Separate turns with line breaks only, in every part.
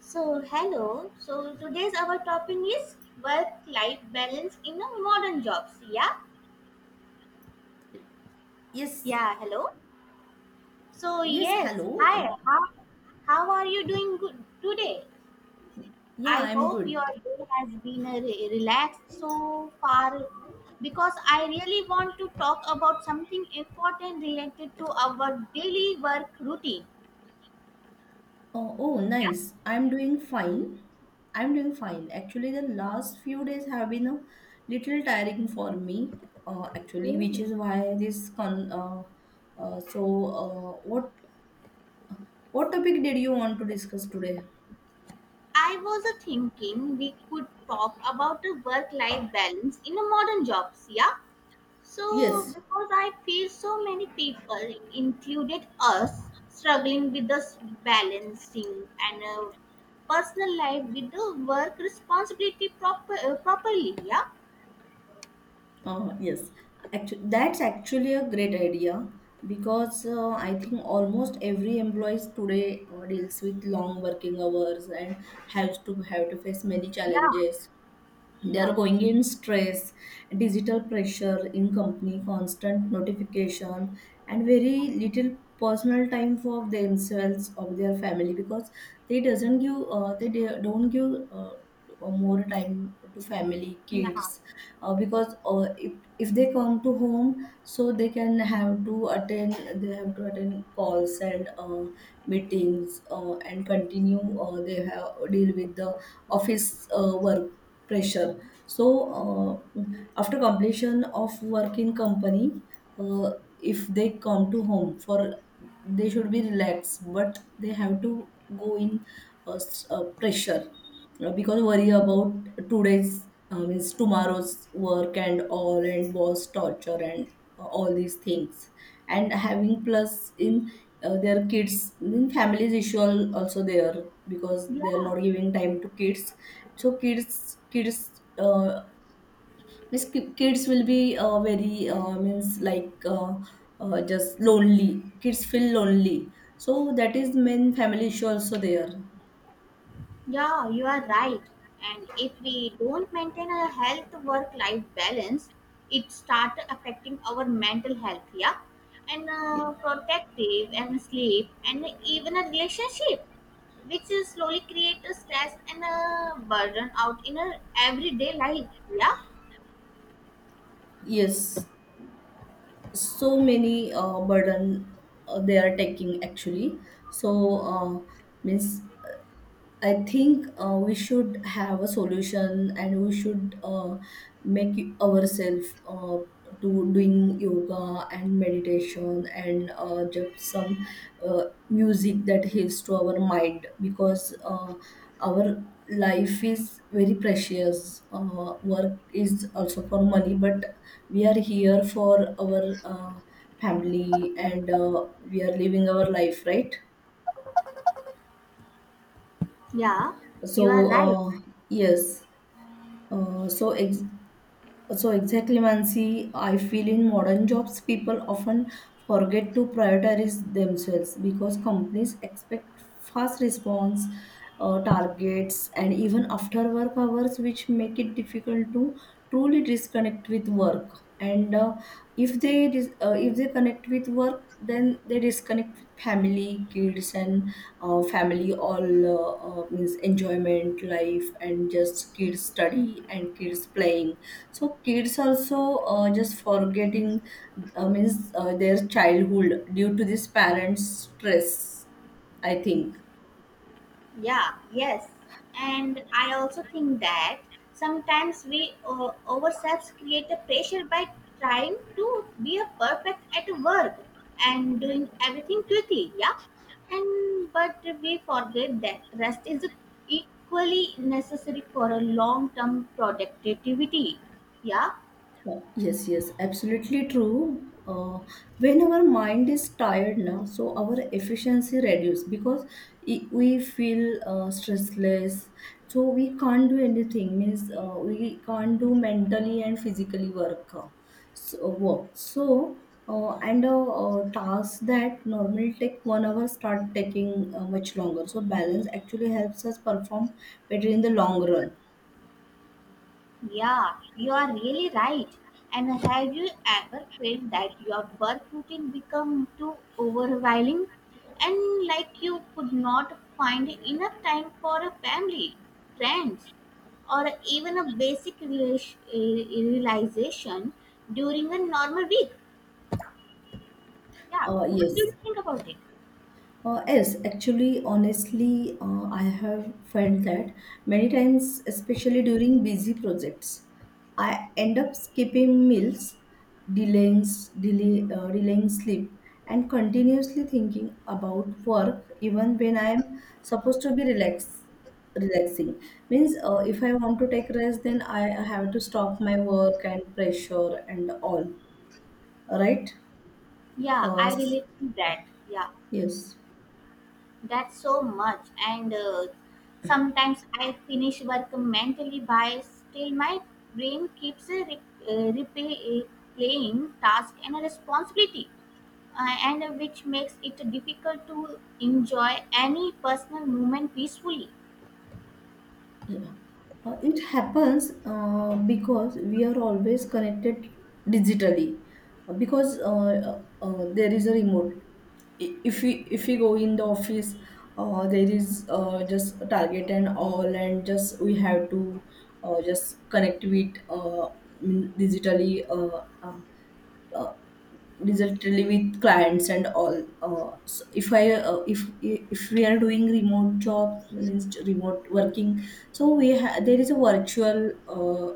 So, hello. So, today's our topic is work life balance in a modern jobs. Yeah?
Yes,
Yeah, hello. So,
yes,
yes.
hello.
Hi. How are you doing good today?
Yeah,
I
I'm
hope your
good.
day has been relaxed so far because I really want to talk about something important related to our daily work routine.
Oh, oh, nice. I'm doing fine. Actually, the last few days have been a little tiring for me, actually, which
Mm.
is why this con. Uh, so, uh, what what topic did you want to discuss today?
I was thinking we could talk about the work life balance in a modern jobs. Yeah? So,
Yes.
because I feel so many people, included us, struggling with this balancing and personal life with the work responsibility properly. Yeah,
Yes, actually, that's actually a great idea because I think almost every employees today deals with long working hours and has to have to face many
yeah,
challenges. They
yeah,
are going in stress, digital pressure in company, constant notification, and very little personal time for themselves or their family because they doesn't give they de- don't give more time to family
yeah,
kids because if they come to home, so they have to attend calls and meetings and continue they have deal with the office work pressure. So after completion of work in company, uh, if they come to home for they should be relaxed, but they have to go in pressure because worry about today's means tomorrow's work and all, and boss torture and all these things, and having plus in their kids in families issue also there because they are
yeah,
not giving time to kids. So kids will be very means like just lonely. Kids feel lonely, so that is main family issue also there.
yeah. You are right. And if we don't maintain a health work life balance, it start affecting our mental health. Yeah, and
Y-
protective and sleep and even a relationship which is slowly create a stress and a burden out in our everyday life. Yeah,
yes, so many burden they are taking actually. So uh, means I think we should have a solution, and we should make ourselves to doing yoga and meditation, and just some uh, music that heals to our mind because our life is very precious. Work is also for money, but we are here for our family, and we are living our life, right?
yeah, you
So,
are right.
yes. Uh, so ex- so exactly, Mansi, I feel in modern jobs, people often forget to prioritize themselves because companies expect fast response, targets, and even after work hours, which make it difficult to truly disconnect with work. And if if they connect with work, then they disconnect with family kids and family all means enjoyment life and just kids study and kids playing. So kids also just forgetting means their childhood due to this parents stress, I think.
Yeah, yes. And I also think that sometimes we ourselves create a pressure by trying to be a perfect at work and doing everything quickly, yeah. And but we forget that rest is equally necessary for a long term productivity, yeah.
Yes, yes, absolutely true. When our mind is tired now, so our efficiency reduces because we feel stressless. So we can't do anything. Means we can't do mentally and physically work. So work. So and Tasks that normally take 1 hour start taking much longer. So balance actually helps us perform better in the long run.
Yeah, you are really right. And have you ever felt that your work routine become too overwhelming and like you could not find enough time for a family, friends, or even a basic realization during a normal week? Yeah,
Uh,
what do
yes,
you think about it?
Yes, actually, honestly, I have felt that many times, especially during busy projects. I end up skipping meals, delaying sleep, and continuously thinking about work even when I am supposed to be relaxed. Relaxing means if I want to take rest, then I have to stop my work and pressure and all. Right?
Yeah,
Uh,
I
s-
relate to that. Yeah.
yes.
That's so much, and sometimes I finish work mentally by still my brain keeps uh, replay- uh, playing task and responsibility, and which makes it difficult to enjoy any personal moment peacefully.
Yeah. It happens because we are always connected digitally. Because there is a remote. If we go in the office, there is just a target and all, and just we have to just connect with digitally. Uh, Digitally with clients and all. So if we are doing remote jobs means remote working, so there is a virtual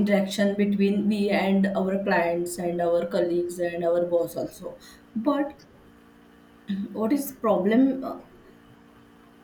interaction between we and our clients and our colleagues and our boss also. But what is problem?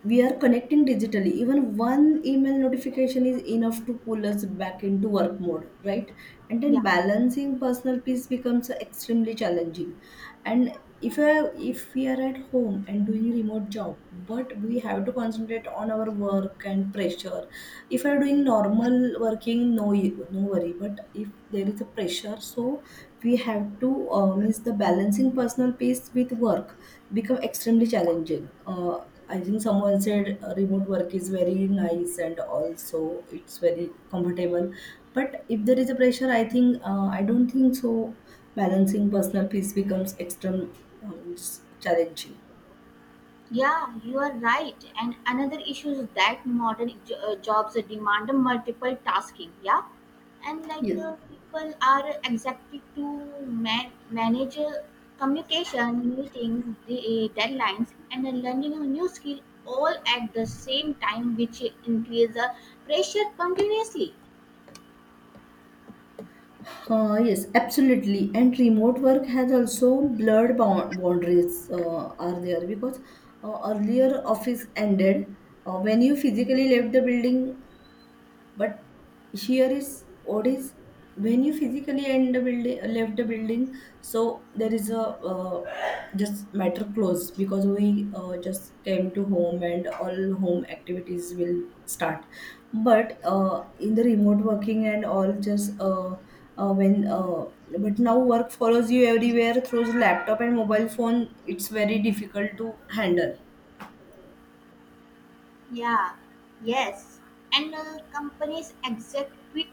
We are connecting digitally. Even one email notification is enough to pull us back into work mode, right? And then
Yeah.
balancing personal peace becomes extremely challenging. And if we are at home and doing remote job, but we have to concentrate on our work and pressure. If I are doing normal working, no, no worry. But if there is a pressure, so we have to means the balancing personal peace with work become extremely challenging. I think someone said remote work is very nice and also it's very comfortable. But if there is a pressure, I think I don't think so. Balancing personal peace becomes extreme, um, challenging.
Yeah, you are right. And another issue is that modern jobs demand multiple tasking. Yeah, and like
Yes.
people are expected to manage communication, meetings, deadlines, and learning a new skill all at the same time, which increase the pressure continuously.
Yes, absolutely. And remote work has also blurred boundaries are there because earlier office ended when you physically left the building. But here is what is, when you physically end the building left the building, so there is a just matter closed because we just came to home and all home activities will start. But in the remote working and all just when but now work follows you everywhere through laptop and mobile phone. It's very difficult to handle.
Yeah, yes. And companies exact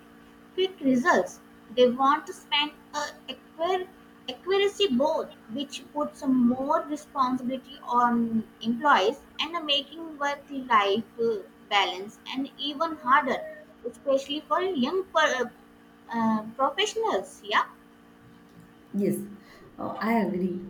quick results. They want to spend acquire, accuracy board, which puts some more responsibility on employees and making work-life balance and even harder, especially for young professionals. Yeah.
Yes, I agree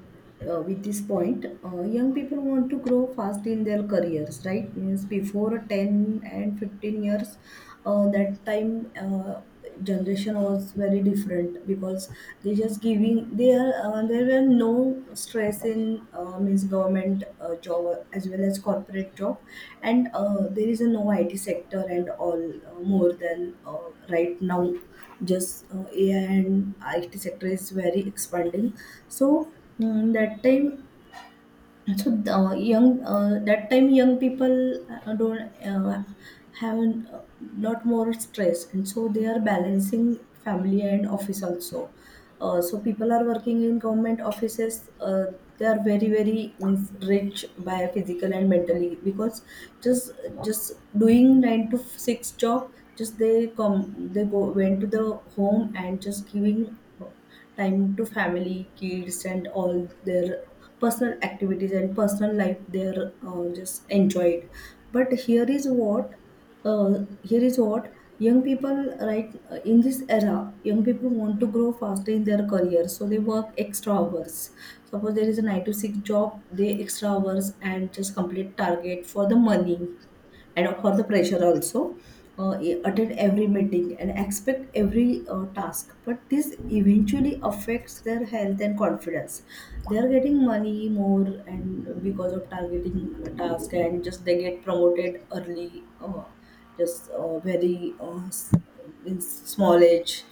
with this point. Young people want to grow fast in their careers, right? Means before 10 and 15 years, that time generation was very different because they just giving they are there were no stress in means government job as well as corporate job. And there is a no IT sector and all, more than right now. Just AI and IT sector is very expanding. So that time, so the young that time young people don't have a lot more stress, and so they are balancing family and office also. So people are working in government offices. They are very very means, rich by physical and mentally because just just doing 9 to 6 job, just they go went to the home and just giving work, time to family, kids, and all their personal activities and personal life they are just enjoyed. But here is what, young people right in this era young people want to grow faster in their career, so they work extra hours. Suppose there is a 9 to 6 job, they extra hours and just complete target for the money and for the pressure also. Attend every meeting and expect every task. But this eventually affects their health and confidence. They are getting money more and because of targeting task and just they get promoted early, just uh, very uh, s- in small age.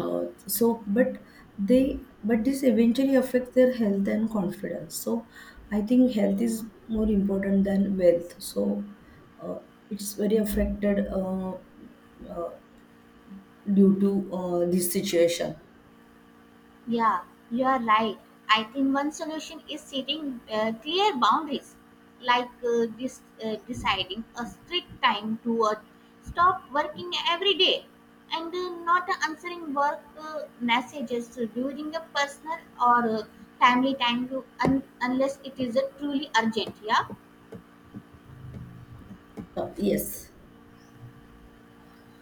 So but they, but this eventually affects their health and confidence. So I think health is more important than wealth. So uh, it's very affected due to this situation.
Yeah, you are right. I think one solution is setting clear boundaries, like deciding a strict time to stop working every day and not answering work messages during a personal or timely time to unless it is truly urgent. Yeah.
Yes.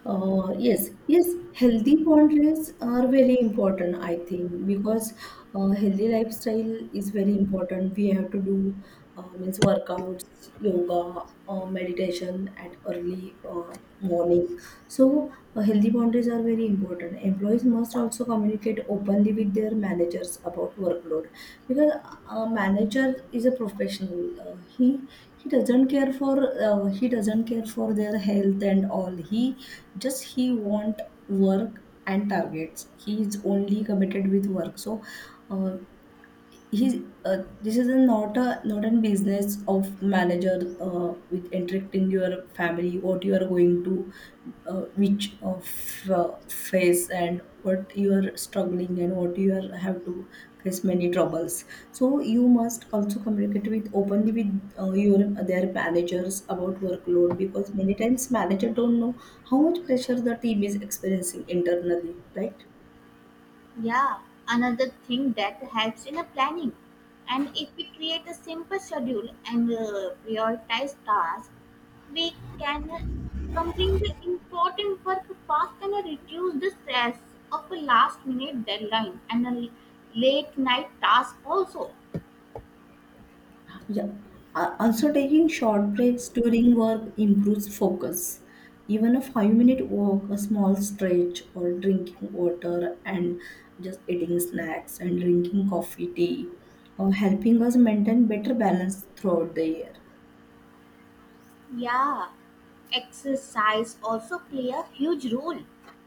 Yes, healthy boundaries are very important, I think, because healthy lifestyle is very important. We have to do means workouts, yoga, meditation at early morning. So healthy boundaries are very important. Employees must also communicate openly with their managers about workload because a manager is a professional. He he doesn't care for he doesn't care for their health and all. He just he want work and targets. He is only committed with work. So uh, he this is a not a business of manager with interacting your family, what you are going to which of phase, and what you are struggling, and what you are have to face many troubles. So you must also communicate with openly with your their managers about workload because many times manager don't know how much pressure the team is experiencing internally, right?
Yeah, another thing that helps in a planning. And if we create a simple schedule and prioritize tasks, we can complete the important work fast and reduce the stress of a last minute deadline and a late night task also.
Yeah. Also, taking short breaks during work improves focus. Even a 5-minute walk, a small stretch, or drinking water, and just eating snacks and drinking coffee, tea, or helping us maintain better balance throughout the year.
Yeah, exercise also play a huge role.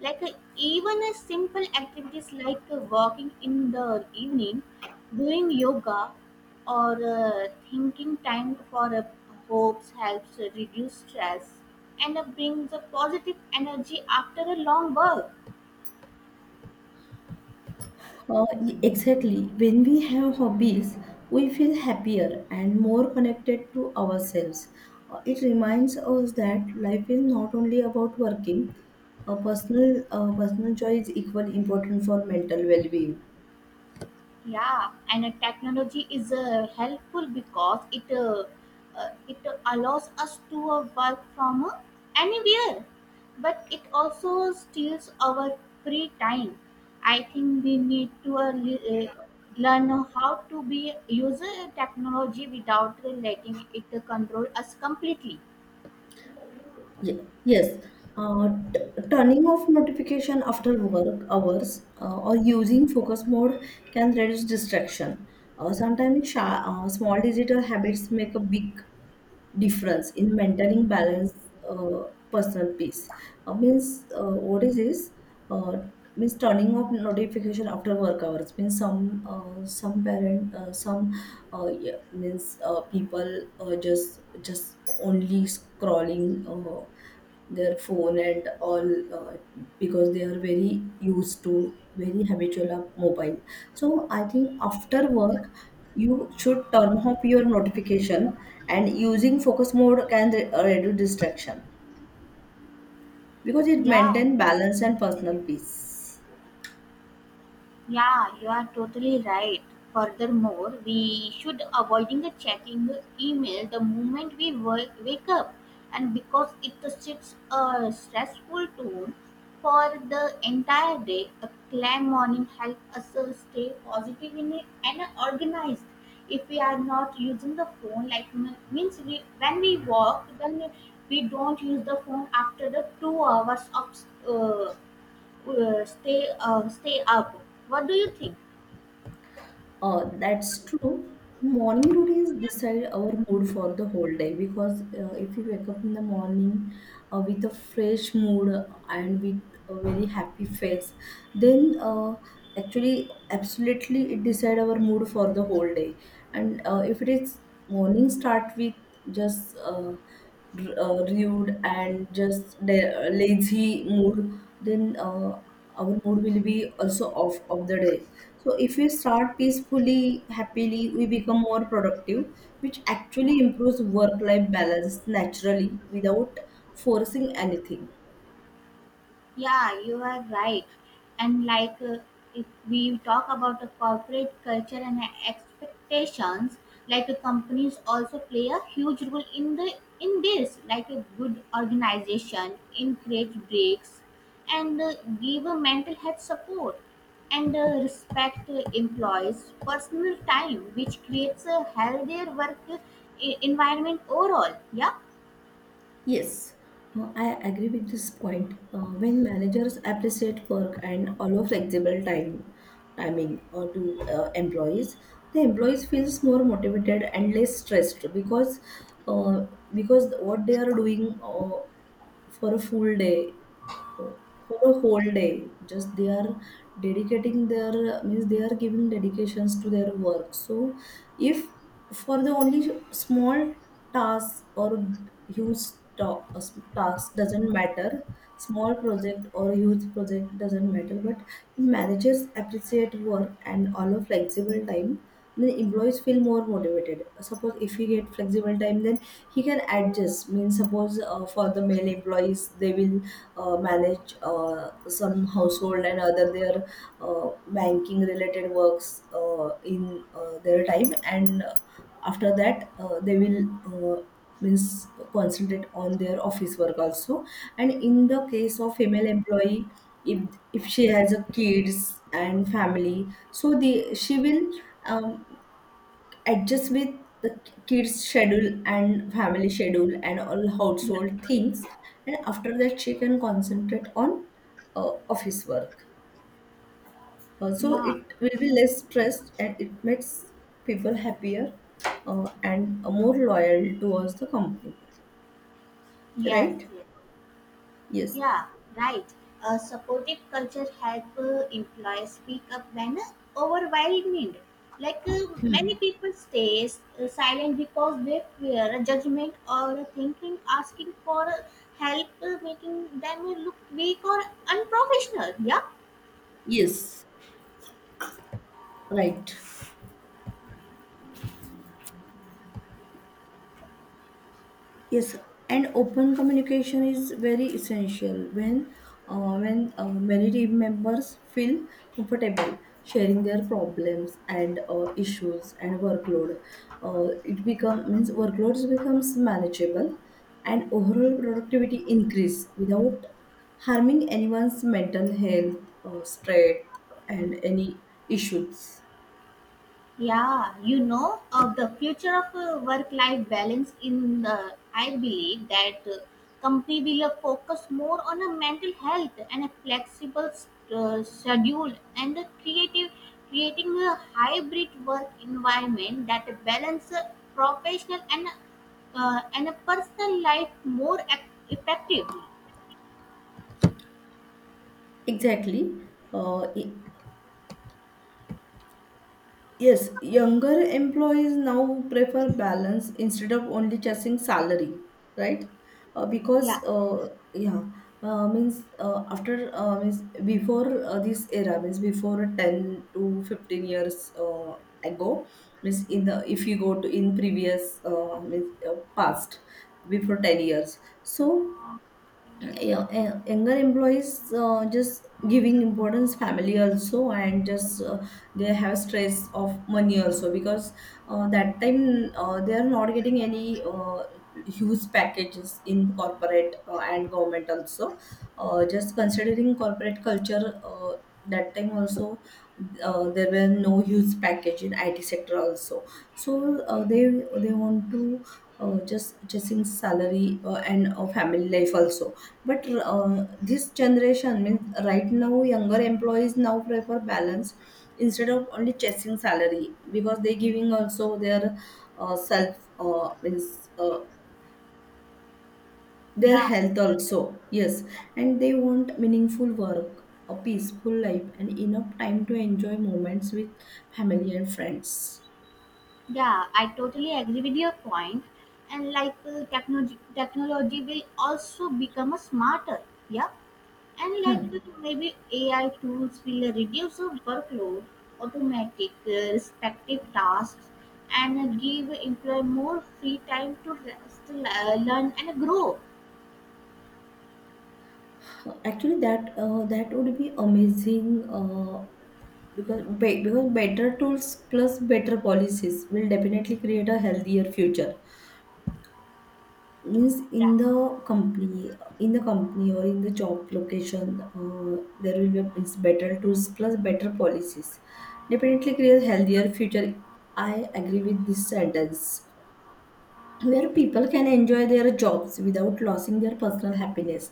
Like even a simple activities like walking in the evening, doing yoga, or thinking time for hopes helps reduce stress and brings a positive energy after a long work.
Exactly. When we have hobbies, we feel happier and more connected to ourselves. It reminds us that life is not only about working. A personal, personal joy is equally important for mental well-being.
Yeah, and technology is helpful because it allows us to work from anywhere, but it also steals our free time. I think we need to learn how to be use technology without letting it control us completely.
Yes. Uh, t- Turning off notification after work hours or using focus mode can reduce distraction. Sometimes small digital habits make a big difference in maintaining balance, uh, personal peace. Means what is this? uh, Means turning off notification after work hours means some parent some yeah, means people just only scrolling uh, their phone and all uh, because they are very used to, very habitual of mobile. So I think after work, you should turn off your notification, and using focus mode can reduce distraction because it
Yeah.
maintain balance and personal peace.
Yeah, you are totally right. Furthermore, we should avoiding the checking the email the moment we work, wake up, and because it sets a stressful tone for the entire day. A clear morning helps us stay positive in it and organized. If we are not using the phone, like means we, when we walk, then we don't use the phone after the 2 hours of stay up. What do you think?
That's true. Morning routines decide our mood for the whole day because if we wake up in the morning with a fresh mood and with a very happy face, then absolutely, it decide our mood for the whole day. And if it is morning start with just rude and just the lazy mood, then uh, our mood will be also off of the day. So if we start peacefully, happily, we become more productive, which
Yeah.
actually improves work life balance naturally without forcing anything.
Yeah, you are right. And like if we talk about the corporate culture and expectations, like companies also play a huge role in the in this, like a good organization encourage breaks and give a mental health support and respect employees personal time, which creates a healthier work environment overall, yeah.
Yes, I agree with this point. When managers appreciate work and allow flexible time timing to employees, the employees feels more motivated and less stressed uh, because what they are doing. For a full day for a whole day, just they are dedicating their means they are giving dedications to their work. So if for the only small task or huge ta- task, doesn't matter, small project or huge project, doesn't matter, but if managers appreciate work and allow flexible time, then employees feel more motivated. Suppose if he get flexible time, then he can adjust, means suppose for the male employees, they will manage some household and other their banking related works in their time, and after that they will means concentrate on their office work also. And in the case of female employee, if she has a kids and family, so the she will um, adjust with the kids schedule and family schedule and all household things, and after that she can concentrate on office work. So
Yeah,
it will be less stressed, and it makes people happier and more loyal towards the company,
yes,
right?
yes.
Yes,
Yeah, right. A supportive culture help employees speak up when overwhelmed. Like many people stay silent because they fear judgment or thinking asking for help, making them look weak or unprofessional. Yeah.
yes, right. Yes, and open communication is very essential when many team members feel comfortable sharing their problems and issues and workload. It become Means workloads becomes manageable, and overall productivity increase without harming anyone's mental health, stress, and any issues.
Yeah, you know, of the future of work-life balance in the, I believe that company will focus more on a mental health and a flexible schedule and a creating a hybrid work environment that balance professional and a personal life more effectively.
Exactly. Yes, younger employees now prefer balance instead of only chasing salary, right? Because
Yeah,
Yeah, means before this era, means before 10 to 15 years ago, means in the, if you go to in previous, means past before 10 years, so yeah, younger employees just giving importance family also, and just they have stress of money also, because that time they are not getting any huge packages in corporate and government also, just considering corporate culture, that time also there were no huge package in IT sector also. So they want to just in salary and family life also. But this generation, means right now, younger employees now prefer balance instead of only chasing salary, because they giving also their self means their
yeah.
health also, yes. And they want meaningful work, a peaceful life, and enough time to enjoy moments with family and friends.
Yeah, I totally agree with your point. And like technology will also become a smarter. Yeah, and like
Hmm.
maybe AI tools will reduce the workload, automatic respective tasks, and give employee more free time to rest, learn, and grow.
Actually, that That would be amazing because better tools plus better policies will definitely create a healthier future. Means
Yeah,
in the company or in the job location, there will be, means, better tools plus better policies. Definitely create healthier future. I agree with this sentence. Where people can enjoy their jobs without losing their personal happiness.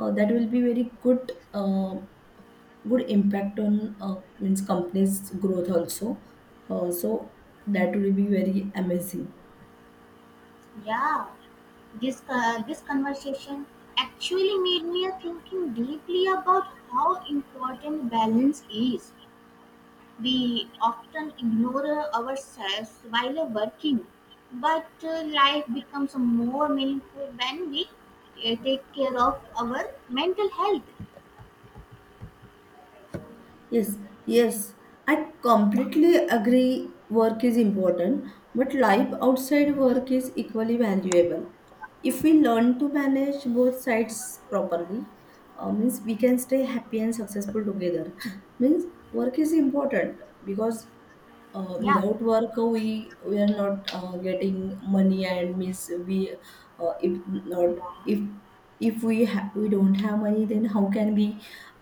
That will be very good. Good impact on means company's growth also. So that will be very amazing.
yeah. This this conversation actually made me thinking deeply about how important balance is. We often ignore ourselves while working, but life becomes more meaningful when we take care of our mental health.
Yes, yes, I completely agree. Work is important, but life outside work is equally valuable. If we learn to manage both sides properly, means we can stay happy and successful together. Means work is important because
Yeah.
without work we are not getting money, and means we if not,
Yeah.
if we don't have money, then how can we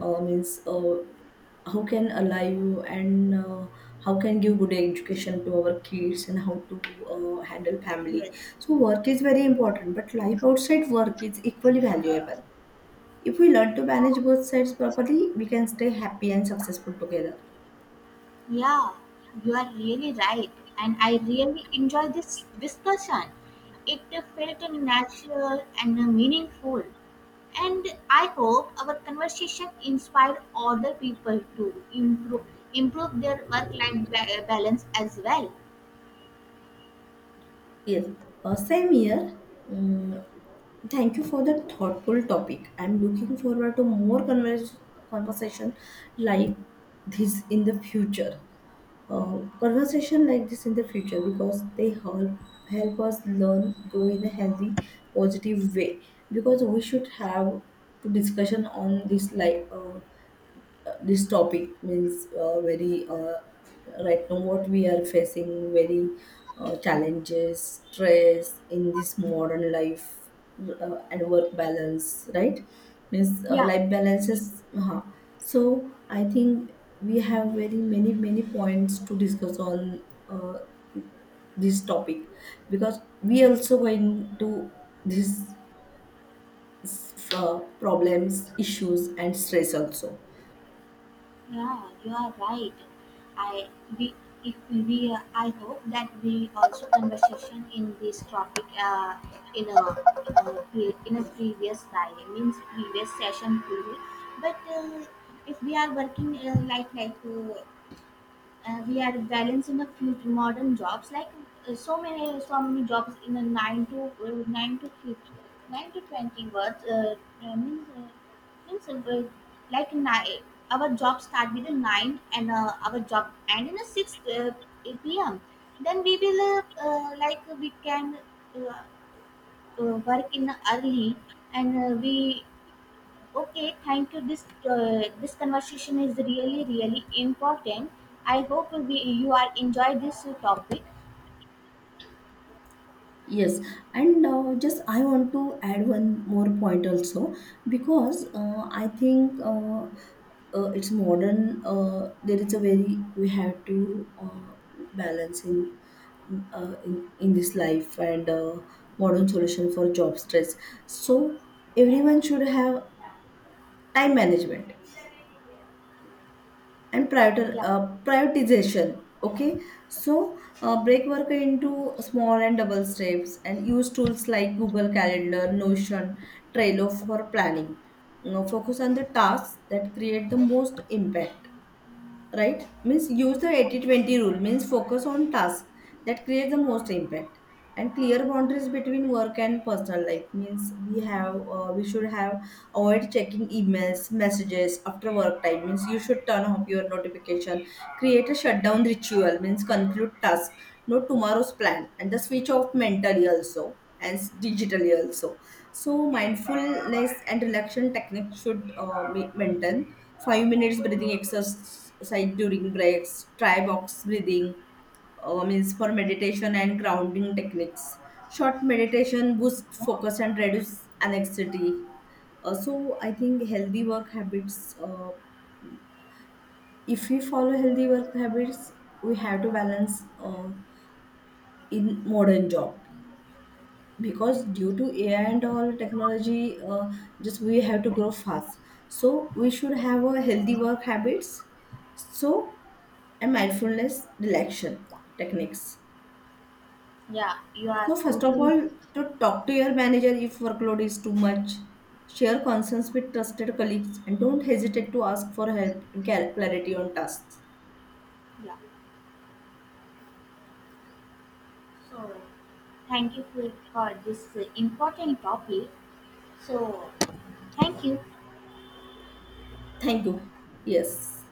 means how can alive, and how can give good education to our kids, and how to handle family.
Yes.
So work is very important, but life outside work is equally valuable. If we learn to
Yeah,
manage both sides properly, we can stay happy and successful together.
yeah. You are really right, and I really enjoyed this discussion. It felt natural and meaningful. And I hope our conversation inspired other people to improve their work life balance as well.
Yes, same here. Mm, thank you for the thoughtful topic. I'm looking forward to more conversation like this in the future. Conversation like this in the future, because they help help us learn, grow in a healthy, positive way, because we should have to discussion on this, like this topic means very right now what we are facing, very challenges, stress in this modern life, and work balance, right? Means
Yeah,
life balances, uh. So I think we have very many many points to discuss on uh, this topic, because we also going to these uh, problems, issues, and stress also.
yeah, you are right. I we If we I hope that we also conversation in this topic in a in a previous time means previous session too. But if we are working we are balancing a few modern jobs like so many jobs in a 9 to 9 to 5 9 to 20 words means, means like nine, our job start with a 9 and our job end in a 6 uh, pm. Then we will like we can uh, work in early and we. Okay, thank you. This this conversation is really really important. I hope we, you are enjoy this topic.
Yes, and just I want to add one more point also, because I think it's modern. There is a very, we have to balance in, this life, and modern solution for job stress. So everyone should have time management and
Yeah,
prioritization, okay? So break work into small and double steps, and use tools like Google Calendar, Notion, Trello for planning. You know, focus on the tasks that create the most impact, right? Means use the 80-20 rule, means focus on tasks that create the most impact. And clear boundaries between work and personal life, means we have, we should have avoid checking emails, messages after work time, means you should turn off your notification. Create a shutdown ritual, means conclude task, note tomorrow's plan, and the switch off mentally also and digitally also. So mindfulness and relaxation technique should be maintained. 5 minutes breathing exercise during breaks. Try box breathing, means for meditation and grounding techniques. Short meditation boost focus and reduce anxiety. So I think healthy work habits. If we follow healthy work habits, we have to balance in modern job, because due to AI and all technology, just we have to grow fast. So we should have a healthy work habits. So, and mindfulness relaxation techniques.
yeah, you are
So first of
totally right.
all, to talk to your manager if workload is too much. Share concerns with trusted colleagues, and don't hesitate to ask for help and clarity on tasks.
Yeah. So thank you for this important topic. So thank you.
Thank you. Yes.